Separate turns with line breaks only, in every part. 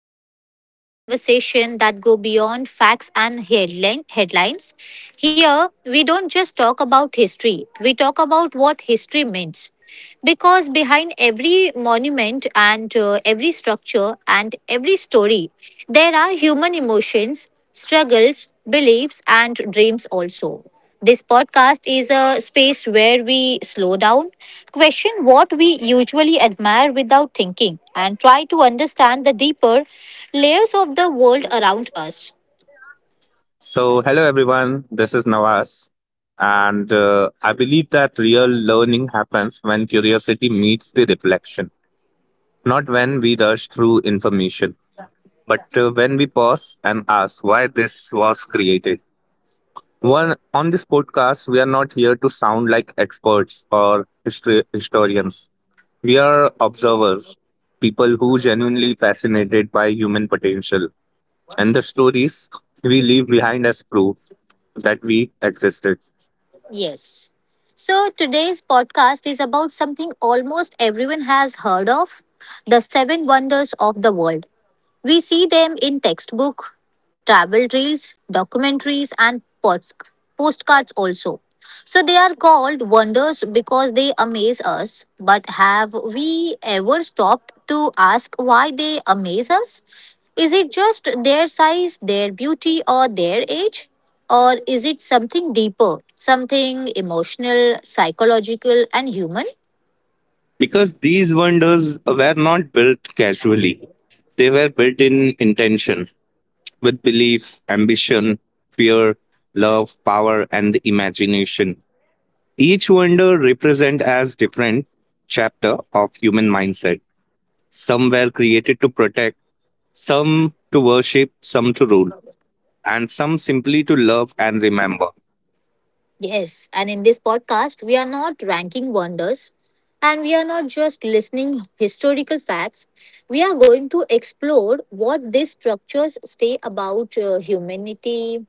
and I love this conversation that go beyond facts and headlines. Here, we don't just talk about history; we talk about what history means. Because behind every monument and every structure and every story, there are human emotions, struggles, beliefs, and dreams also. This podcast is a space where we slow down, question what we usually admire without thinking, and try to understand the deeper layers of the world around us.
So, hello everyone, this is Nawaz. And I believe that real learning happens when curiosity meets the reflection, not when we rush through information, but when we pause and ask why this was created. One, on this podcast, we are not here to sound like experts or historians. We are observers, people who genuinely fascinated by human potential. And the stories we leave behind as proof that we existed.
Yes. So today's podcast is about something almost everyone has heard of the seven wonders of the world. We see them in textbook, travel reels, documentaries, and postcards also. So they are called wonders because they amaze us. But have we ever stopped to ask why they amaze us? Is it just their size, their beauty, or their age? Or is it something deeper, something emotional, psychological, and human?
Because these wonders were not built casually. They were built in intention, with belief, ambition, fear, love, power, and the imagination. Each wonder represent as different chapter of human mindset. Some were created to protect, some to worship, some to rule, and some simply to love and remember.
Yes, and in this podcast, we are not ranking wonders and we are not just listening historical facts. We are going to explore what these structures say about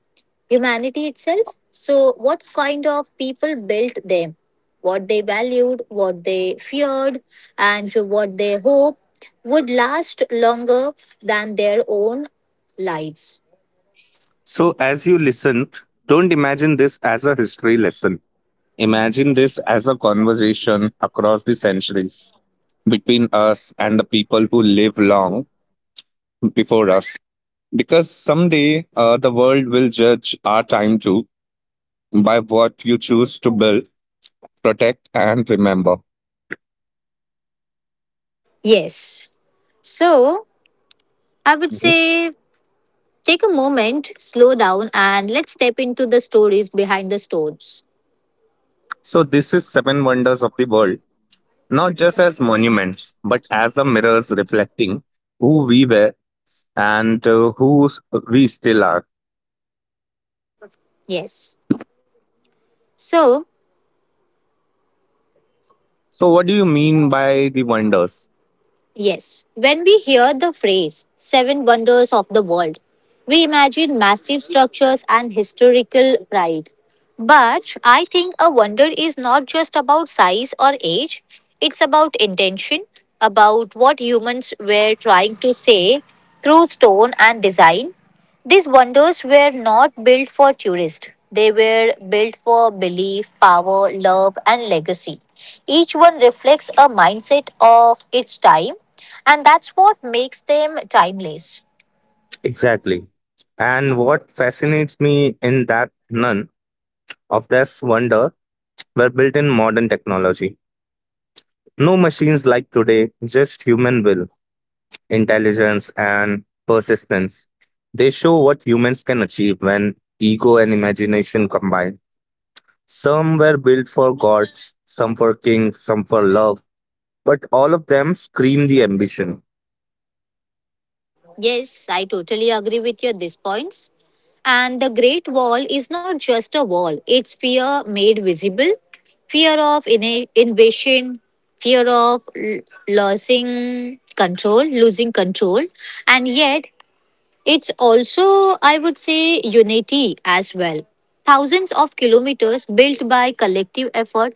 humanity itself. So, what kind of people built them, what they valued, what they feared, and what they hope would last longer than their own lives.
So as you listen, don't imagine this as a history lesson. Imagine this as a conversation across the centuries between us and the people who live long before us. Because someday the world will judge our time too by what you choose to build, protect, and remember.
Yes. So, I would
Mhm.
say take a moment, slow down, and let's step into the stories behind the stones.
So, this is Seven Wonders of the World, not just as monuments, but as a mirrors reflecting who we were and we still are.
Yes. So,
So, what do you mean by the wonders?
yes, when we hear the phrase seven wonders of the world, we imagine massive structures and historical pride. But I think a wonder is not just about size or age, it's about intention, about what humans were trying to say through stone and design. These wonders were not built for tourists. They were built for belief, power, love, and legacy. Each one reflects a mindset of its time, and that's what makes them timeless.
Exactly. And what fascinates me in that none of this wonder were built in modern technology. No machines like today, just human will, intelligence, and persistence. They show what humans can achieve when ego and imagination combine. Some were built for gods, some for kings, some for love, but all of them scream the ambition.
Yes, I totally agree with your these points. And the Great Wall is not just a wall, it's fear made visible, fear of invasion, fear of losing control, losing control. And yet, it's also, I would say, unity as well. Thousands of kilometers built by collective effort.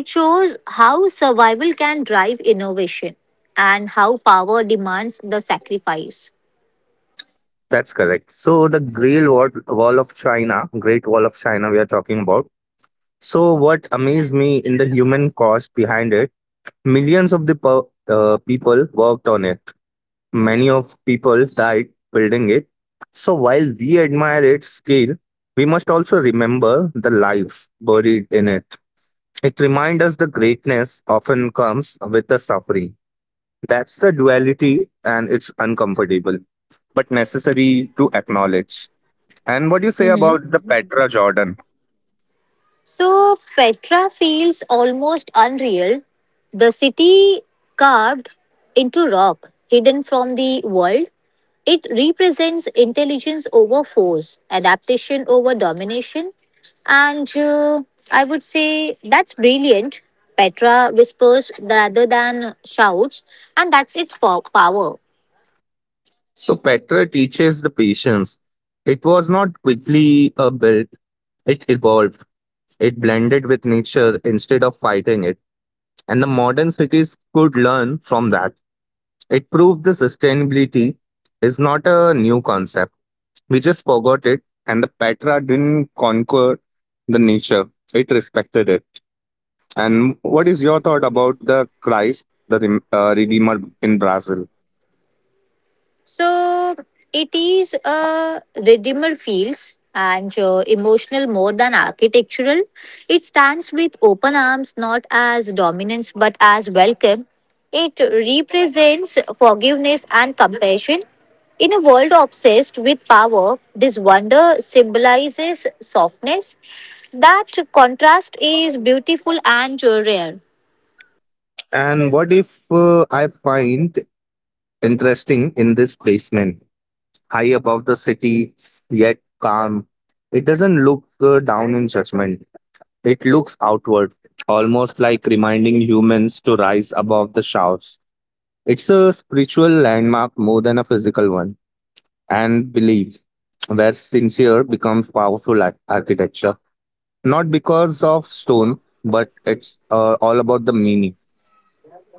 It shows how survival can drive innovation and how power demands the sacrifice.
That's correct. So the Great Wall Wall of China, Great Wall of China, we are talking about. So, what amazed me in the human cost behind it, millions of the people worked on it. Many of people died building it. So, while we admire its scale, we must also remember the lives buried in it. It reminds us the greatness often comes with the suffering. That's the duality, and it's uncomfortable but necessary to acknowledge. And what do you say about the Petra Jordan?
So, Petra feels almost unreal. The city carved into rock, hidden from the world, it represents intelligence over force, adaptation over domination, and I would say that's brilliant. Petra whispers rather than shouts, and that's its power.
So Petra teaches the patience. It was not quickly built, it evolved. It blended with nature instead of fighting it. And the modern cities could learn from that. It proved the sustainability is not a new concept. We just forgot it, and the Petra didn't conquer the nature, it respected it. And what is your thought about the Christ, the Redeemer in Brazil?
So it is a redeemer feels and emotional more than architectural. It stands with open arms, not as dominance but as welcome. It represents forgiveness and compassion. In a world obsessed with power, this wonder symbolizes softness. That contrast is beautiful and rare.
And what if I find interesting in this basement, high above the city, yet calm. It doesn't look down in judgment, it looks outward, almost like reminding humans to rise above the shouts. It's a spiritual landmark more than a physical one, and belief, where sincere becomes powerful architecture. Not because of stone, but it's all about the meaning.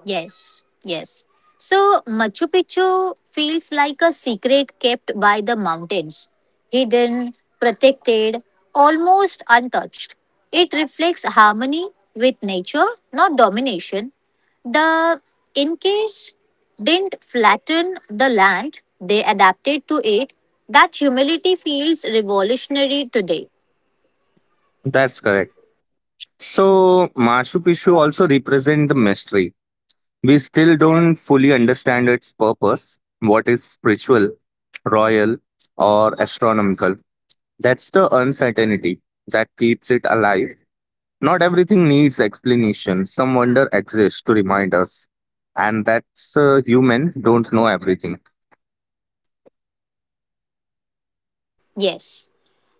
Yes, yes. So Machu Picchu feels like a secret kept by the mountains, hidden, protected, almost untouched. It reflects harmony with nature, not domination. The Incas didn't flatten the land, they adapted to it. That humility feels revolutionary today.
That's correct. So, Machu Picchu also represent the mystery. We still don't fully understand its purpose, what is spiritual, royal, or astronomical. That's the uncertainty that keeps it alive. Not everything needs explanation. Some wonder exists to remind us. And that's human, don't know everything.
Yes.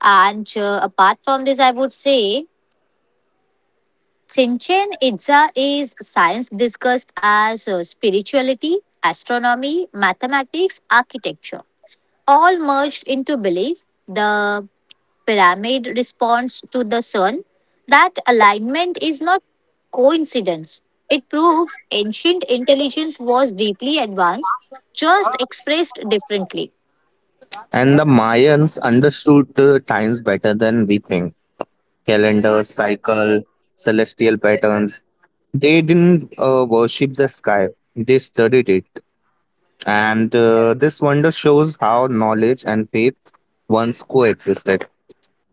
And apart from this, I would say Shinchen Itza is science discussed as spirituality, astronomy, mathematics, architecture, all merged into belief. The pyramid responds to the sun. That alignment is not coincidence. It proves ancient intelligence was deeply advanced, just expressed differently.
And the Mayans understood times better than we think. Calendars, cycle, celestial patterns. They didn't worship the sky, they studied it. And this wonder shows how knowledge and faith once coexisted.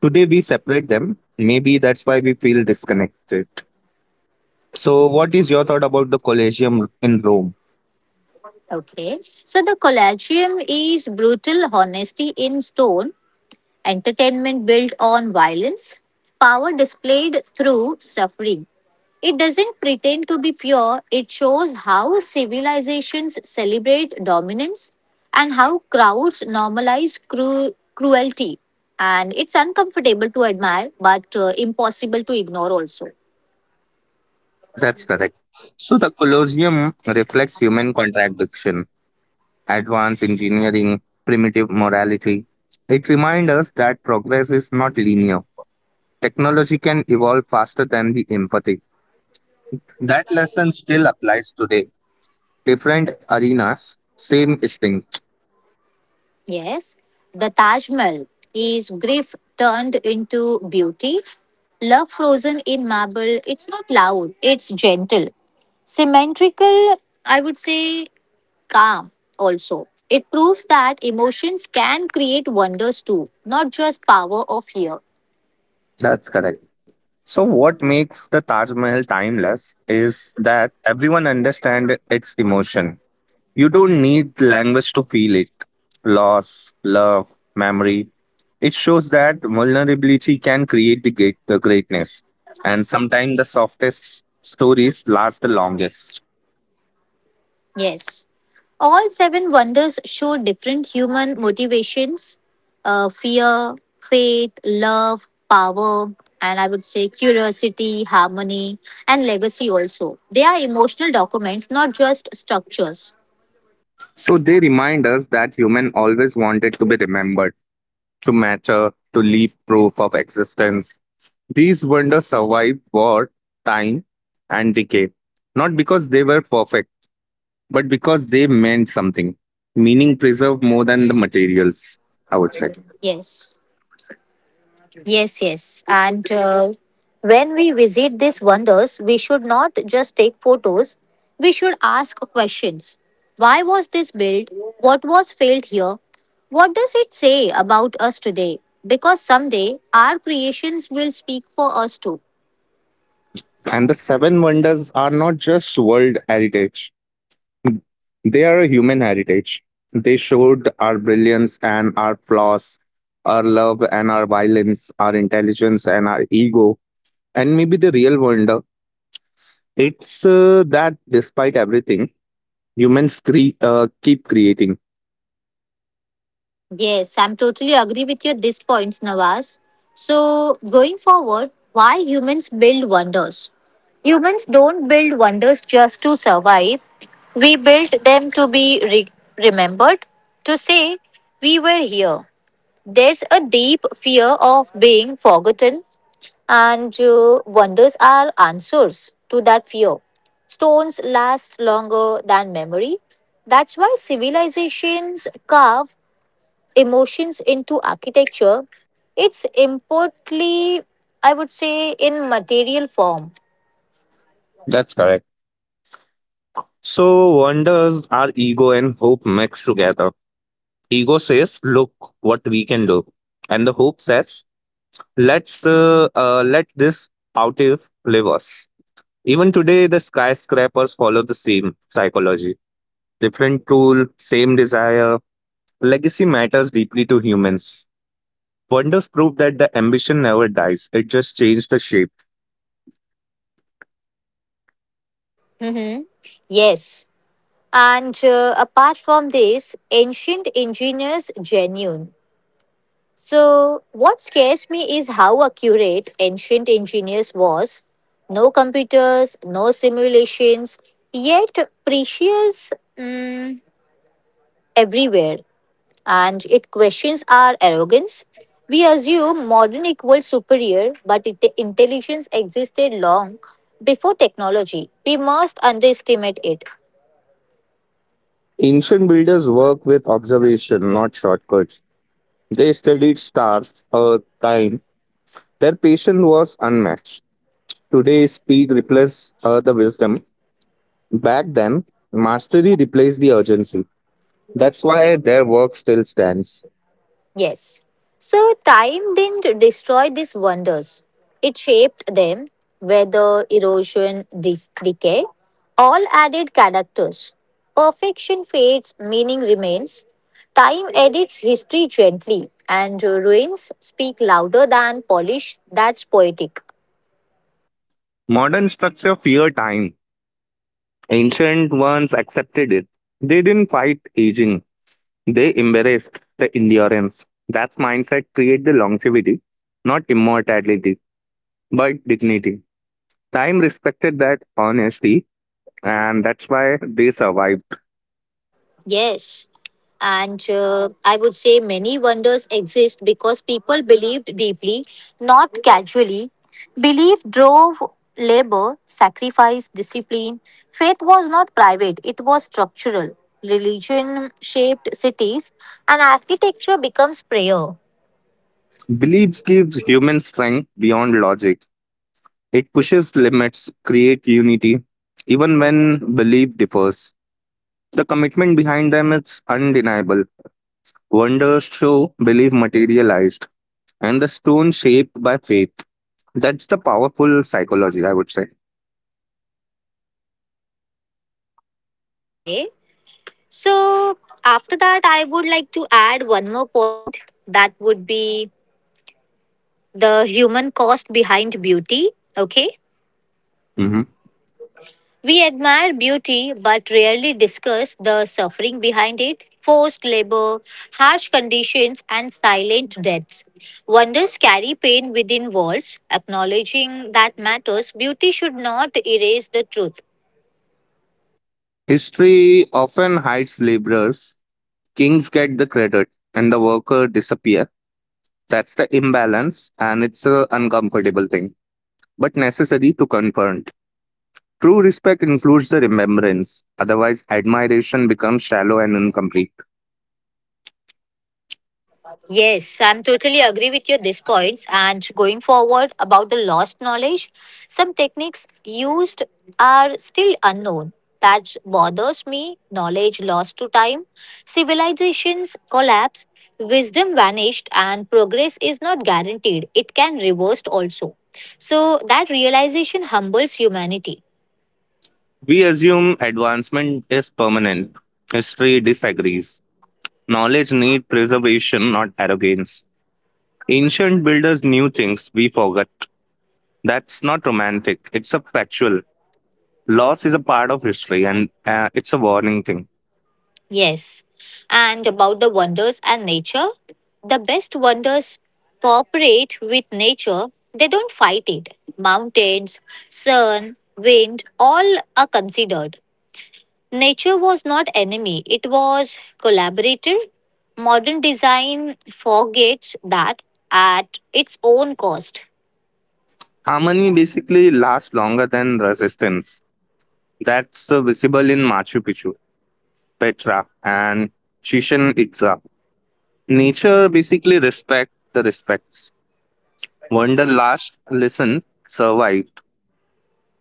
Today we separate them. Maybe that's why we feel disconnected. So, what is your thought about the Colosseum in Rome?
Okay. So the collagium is brutal honesty in stone, entertainment built on violence, power displayed through suffering. It doesn't pretend to be pure, it shows how civilizations celebrate dominance and how crowds normalize cruelty. And it's uncomfortable to admire, but impossible to ignore also.
That's correct. So, the Colosseum reflects human contradiction, advanced engineering, primitive morality. It reminds us that progress is not linear. Technology can evolve faster than the empathy. That lesson still applies today. Different arenas, same distinction.
Yes, the Taj Mahal is grief turned into beauty. Love frozen in marble, it's not loud, it's gentle. Symmetrical, I would say calm also. It proves that emotions can create wonders too, not just power of fear.
That's correct. So what makes the Taj Mahal timeless is that everyone understand its emotion. You don't need language to feel it. Loss, love, memory. It shows that vulnerability can create the greatness. And sometimes the softest stories last the longest.
Yes. All seven wonders show different human motivations, fear, faith, love, power, and I would say curiosity, harmony, and legacy also. They are emotional documents, not just structures.
So they remind us that human always wanted to be remembered, to matter, to leave proof of existence. These wonders survived war, time, and decay, not because they were perfect, but because they meant something. Meaning preserved more than the materials, I would say.
Yes. Yes, yes. And when we visit these wonders, we should not just take photos, we should ask questions. Why was this built? What was failed here? What does it say about us today? Because someday our creations will speak for us too.
And the seven wonders are not just world heritage, they are a human heritage. They showed our brilliance and our flaws, our love and our violence, our intelligence and our ego. And maybe the real wonder, it's that despite everything, humans keep creating.
Yes, I'm totally agree with you at this point, Nawaz. So, going forward, why humans build wonders? Humans don't build wonders just to survive. We build them to be remembered, to say we were here. There's a deep fear of being forgotten, and wonders are answers to that fear. Stones last longer than memory. That's why civilizations carve emotions into architecture, it's importantly, I would say, in material form.
That's correct. So, wonders are ego and hope mixed together. Ego says, "Look what we can do," and the hope says, "Let's let this outive live us." Even today, the skyscrapers follow the same psychology. Different tool, same desire. Legacy matters deeply to humans. Wonders prove that the ambition never dies; it just changes the shape.
Yes. And apart from this, ancient engineers genuine. So what scares me is how accurate ancient engineers was. No computers, no simulations, yet precious everywhere. And it questions our arrogance. We assume modern equals superior, but it, intelligence existed long before technology. We must underestimate it.
Ancient builders work with observation, not shortcuts. They studied stars, earth, time. Their patience was unmatched. Today, speed replaces the wisdom. Back then, mastery replaced the urgency. That's why their work still stands.
Yes. So time didn't destroy these wonders. It shaped them. Weather, erosion, decay, all added characters. Perfection fades, meaning remains. Time edits history gently, and ruins speak louder than polish. That's poetic.
Modern structure feared time. Ancient ones accepted it. They didn't fight aging. They embraced the endurance. That's mindset create the longevity, not immortality, but dignity. Time respected that honesty, and that's why they survived.
Yes. And I would say many wonders exist because people believed deeply, not casually. Belief drove labor, sacrifice, discipline. Faith was not private, it was structural. Religion shaped cities, and architecture becomes prayer.
Beliefs gives human strength beyond logic. It pushes limits, create unity, even when belief differs. The commitment behind them is undeniable. Wonders show belief materialized, and the stone shaped by faith. That's the powerful psychology, I would say.
Okay. So, after that, I would like to add one more point that would be the human cost behind beauty. Okay.
Mhm.
We admire beauty but rarely discuss the suffering behind it, forced labor, harsh conditions, and silent deaths. Wonders carry pain within walls. Acknowledging that matters, beauty should not erase the truth.
History often hides laborers. Kings get the credit, and the worker disappear. That's the imbalance, and it's a uncomfortable thing, but necessary to confront. True respect includes the remembrance. Otherwise, admiration becomes shallow and incomplete.
Yes, I'm totally agree with you at these points. And going forward about the lost knowledge, some techniques used are still unknown. That bothers me. Knowledge lost to time, civilizations collapse, wisdom vanished, and progress is not guaranteed. It can reversed also. So that realization humbles humanity.
We assume advancement is permanent. History disagrees. Knowledge needs preservation, not arrogance. Ancient builders knew things we forgot. That's not romantic, it's a factual. Loss is a part of history and it's a warning thing.
Yes. And about the wonders and nature, the best wonders cooperate with nature, they don't fight it. Mountains, sun, wind, all are considered. Nature was not enemy, it was collaborator. Modern design forgets that at its own cost.
Harmony basically lasts longer than resistance. That's visible in Machu Picchu, Petra, and Chichen Itza. Nature basically respect the respects. Wonder last lesson survived.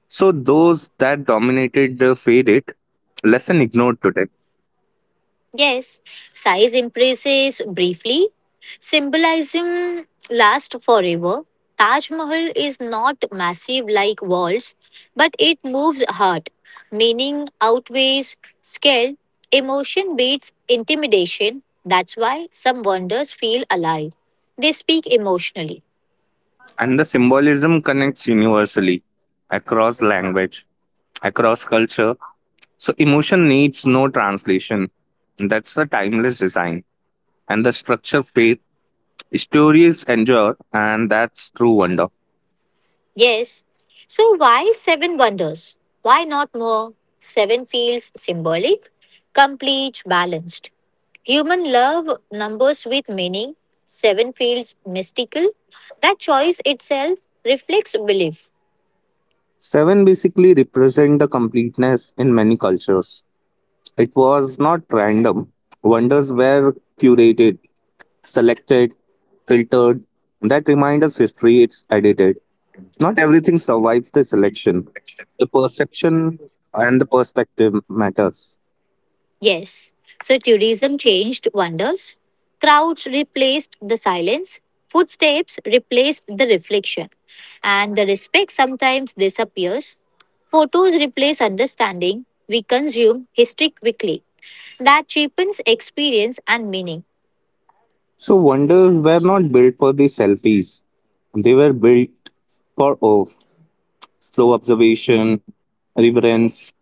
So those that dominated faded, lesson ignored today.
Yes, size increases briefly. Symbolism lasts forever. Taj Mahal is not massive like walls, but it moves heart. Meaning outweighs scale. Emotion beats intimidation. That's why some wonders feel alive. They speak emotionally.
And the symbolism connects universally across language, across culture. So emotion needs no translation. That's the timeless design. And the structure faith, stories endure, and that's true wonder.
Yes. So why seven wonders? Why not more? Seven feels symbolic, complete, balanced. Human love numbers with meaning. Seven feels mystical. That choice itself reflects belief.
Seven basically represent the completeness in many cultures. It was not random. Wonders were curated, selected, filtered. That reminds us history it's edited. Not everything survives the selection. The perception and the perspective matters.
Yes. So tourism changed wonders. Crowds replaced the silence. Footsteps replaced the reflection. And the respect sometimes disappears. Photos replace understanding. We consume history quickly. That cheapens experience and meaning.
So wonders were not built for the selfies. They were built for awe, slow observation, reverence,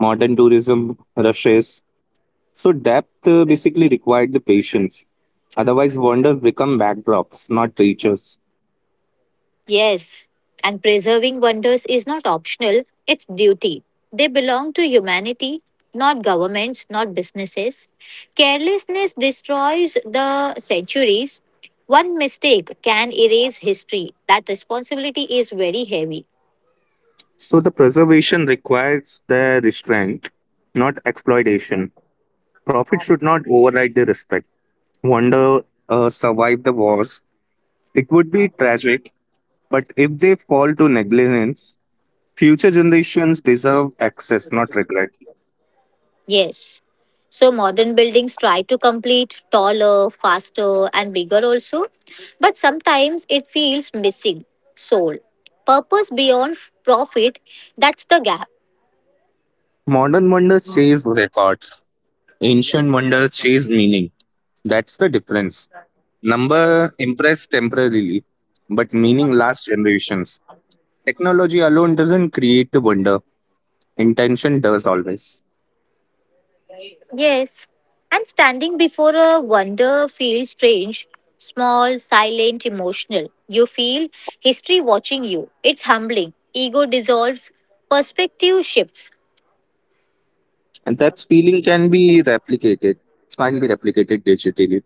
modern tourism rushes. So depth basically required the patience. Otherwise, wonders become backdrops, not teachers.
Yes, and preserving wonders is not optional, it's duty. They belong to humanity, not governments, not businesses. Carelessness destroys the centuries. One mistake can erase history. That responsibility is very heavy.
So the preservation requires the restraint, not exploitation. Profit should not override the respect. Wonder survive the wars. It would be tragic, but if they fall to negligence, future generations deserve access, not regret.
Yes. So modern buildings try to complete taller, faster, and bigger also, but sometimes it feels missing soul. Purpose beyond profit, that's the gap.
Modern wonders chase records. Ancient wonders chase meaning. That's the difference. Number impress temporarily, but meaning lasts generations. Technology alone doesn't create the wonder, intention does always.
Yes, and standing before a wonder feels strange, small, silent, emotional. You feel history watching you. It's humbling. Ego dissolves, perspective shifts.
And that feeling can be replicated digitally.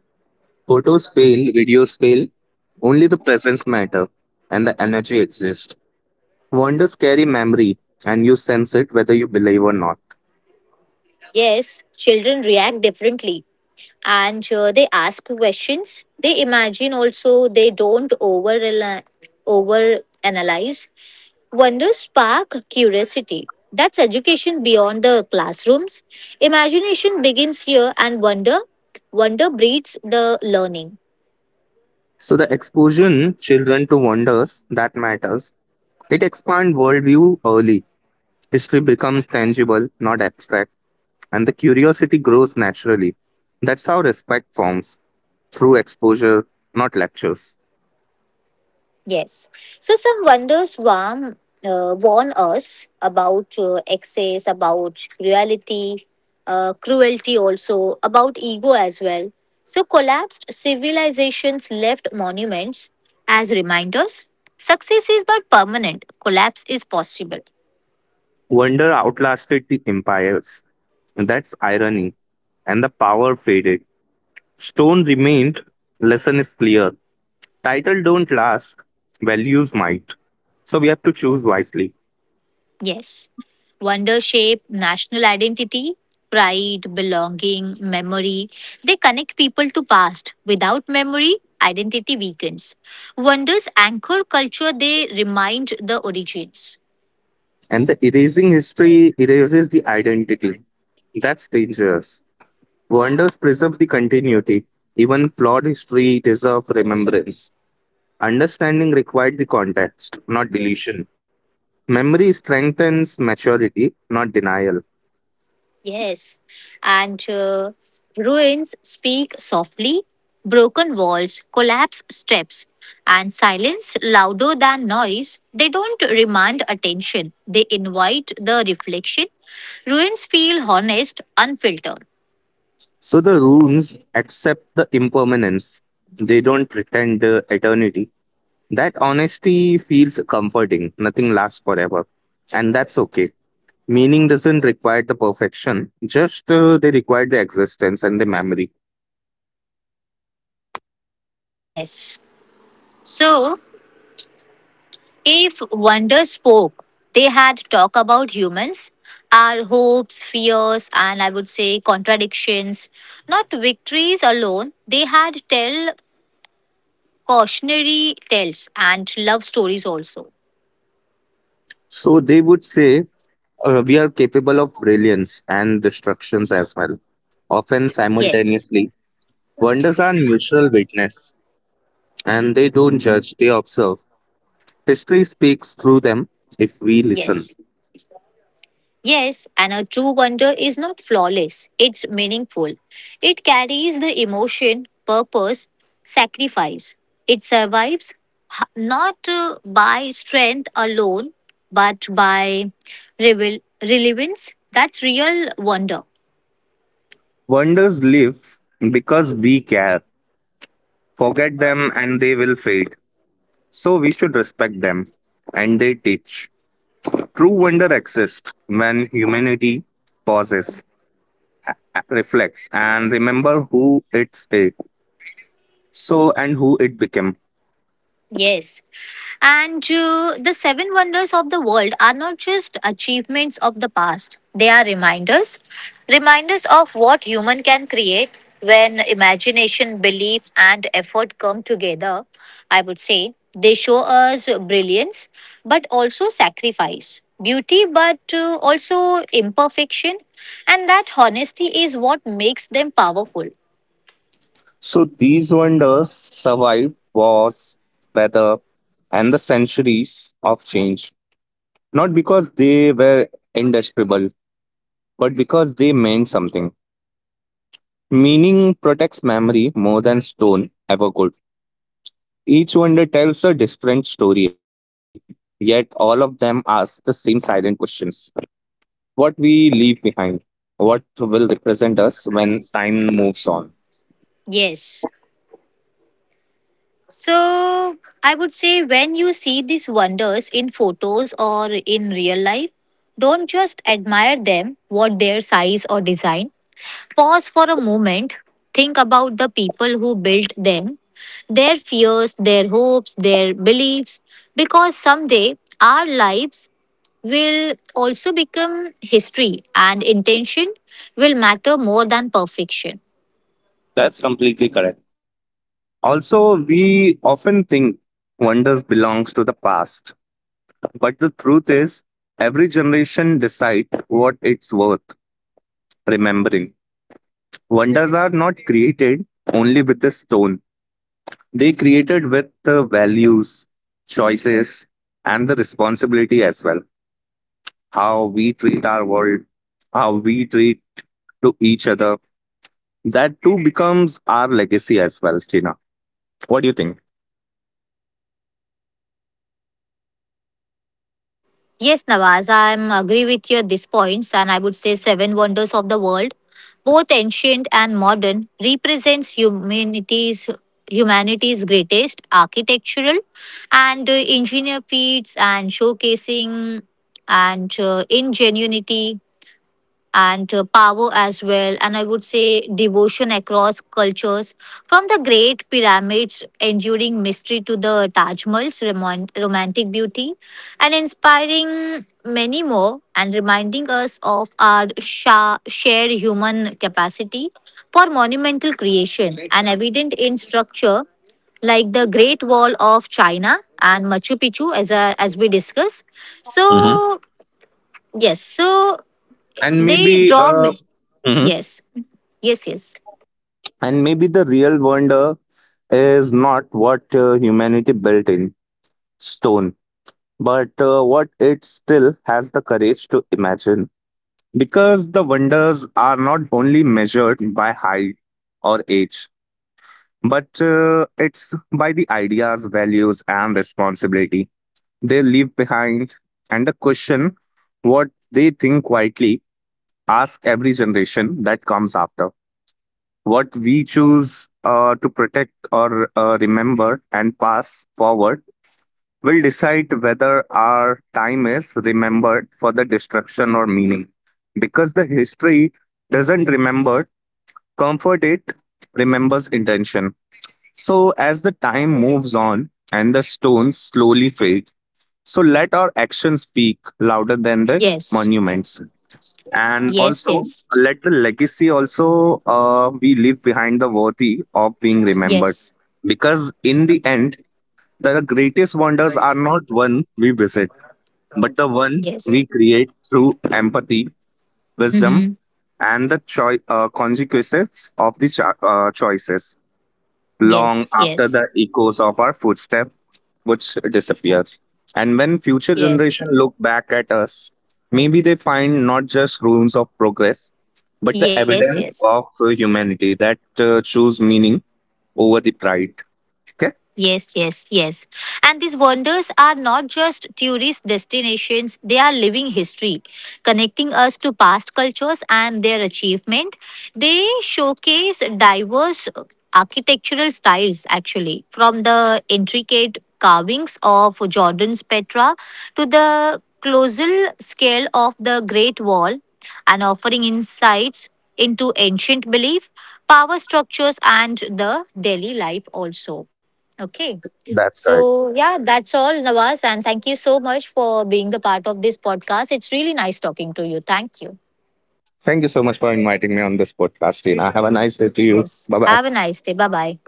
Photos fail, videos fail, only the presence matter and the energy exists. Wonders carry memory and you sense it whether you believe or not.
Yes, children react differently. And they ask questions, they imagine also, they don't over analyze. Wonders spark curiosity, that's education beyond the classrooms. Imagination begins here, and wonder breeds the learning.
So the exposure children to wonders that matters. It expands worldview early. History becomes tangible, not abstract and the curiosity grows naturally. That's how respect forms through exposure, not lectures.
Yes. So some wonders warn us about excess, about reality, cruelty also, about ego as well. So collapsed civilizations left monuments as reminders. Success is not permanent, collapse is possible.
Wonder outlasted the empires. That's irony. And the power faded. Stone remained. Lesson is clear. Title don't last. Values might. So we have to choose wisely.
Yes. Wonder shape national identity, pride, belonging, memory. They connect people to past. Without memory, identity weakens. Wonders anchor culture, they remind the origins.
And the erasing history erases the identity. That's dangerous. Wonders preserve the continuity. Even flawed history deserve remembrance. Understanding required the context, not deletion. Memory strengthens maturity, not denial.
Yes, and ruins speak softly, broken walls, collapsed steps, and silence louder than noise. They don't demand attention, they invite the reflection. Ruins feel honest, unfiltered.
So the runes accept the impermanence. They don't pretend the eternity. That honesty feels comforting. Nothing lasts forever. And that's okay. Meaning doesn't require the perfection, just they require the existence and the memory.
Yes. So, if wonder spoke, they had talk about humans, our hopes, fears, and I would say contradictions. Not victories alone. They had tell cautionary tales and love stories also.
So they would say, we are capable of brilliance and destructions as well, often
Yes,
simultaneously. Wonders are neutral witness, and they don't judge, they observe. History speaks through them if we listen.
yes, yes, and a true wonder is not flawless, it's meaningful. It carries the emotion, purpose, sacrifice. It survives not by strength alone, but by relevance. That's real wonder.
Wonders live because we care. Forget them and they will fade. So we should respect them, and they teach. True wonder exists when humanity pauses, reflects, and remember who it's it. So and who it became.
Yes. And the seven wonders of the world are not just achievements of the past, they are reminders. Reminders of what human can create when imagination, belief, and effort come together, I would say. They show us brilliance, but also sacrifice, beauty, but also imperfection. And that honesty is what makes them powerful.
So these wonders survived wars, weather, and the centuries of change, not because they were indestructible, but because they meant something. Meaning protects memory more than stone ever could. Each wonder tells a different story, yet all of them ask the same silent questions: what we leave behind, what will represent us when time moves on.
Yes. So I would say when you see these wonders in photos or in real life, don't just admire them, what their size or design. Pause for a moment, think about the people who built them, their fears, their hopes, their beliefs, because someday our lives will also become history, and intention will matter more than perfection.
That's completely correct. Also, we often think wonders belongs to the past, but the truth is every generation decides what it's worth remembering. Wonders are not created only with the stone, they created with the values, choices, and the responsibility as well. How we treat our world, how we treat to each other. That too becomes our legacy as well, Stina. What do you think?
Yes, Nawaz, I am agree with you at these points, and I would say seven wonders of the world, both ancient and modern, represents humanity's greatest architectural and engineer feats, and showcasing and ingenuity and power as well. And I would say devotion across cultures, from the Great Pyramids' enduring mystery to the Taj Mahal's romantic beauty, and inspiring many more, and reminding us of our shared human capacity for monumental creation, and evident in structure like the Great Wall of China and Machu Picchu, as a, as we discuss.
Hmm.
So yes, so
And
they
maybe
draw.
uh, hmm
Yes. Yes. Yes.
and maybe the real wonder is not what humanity built in stone, but what it still has the courage to imagine. Because the wonders are not only measured by height or age, but it's by the ideas, values, and responsibility they leave behind. And the question, what they think quietly, ask every generation that comes after. What we choose to protect or remember and pass forward will decide whether our time is remembered for the destruction or meaning. Because the history doesn't remember comfort, it remembers intention. So, as the time moves on and the stones slowly fade, so let our actions speak louder than the
Yes.
monuments. And
Yes.
also,
Yes.
let the legacy also be leave behind the worthy of being remembered.
Yes.
Because in the end, the greatest wonders are not one we visit but the one we
Yes.
create through empathy, wisdom,
Mm-hmm.
and the consequences of the choices long
Yes.
after
Yes.
the echoes of our footstep which disappears. And when future
Yes.
generation look back at us, maybe they find not just ruins of progress, but the
Yes. Yes.
evidence of humanity that choose meaning over the pride. Okay,
Yes, yes, yes. And these wonders are not just tourist destinations, they are living history, connecting us to past cultures and their achievement. They showcase diverse architectural styles, actually, from the intricate carvings of Jordan's Petra to the colossal scale of the Great Wall, and offering insights into ancient belief, power structures, and the daily life also. Okay.
that's correct.
So, yeah, that's all, Nawaz. And thank you so much for being the part of this podcast. It's really nice talking to you. Thank you.
Thank you so much for inviting me on this podcast, and have a nice day to you.
Yes.
Bye bye.
Have a nice day. Bye bye.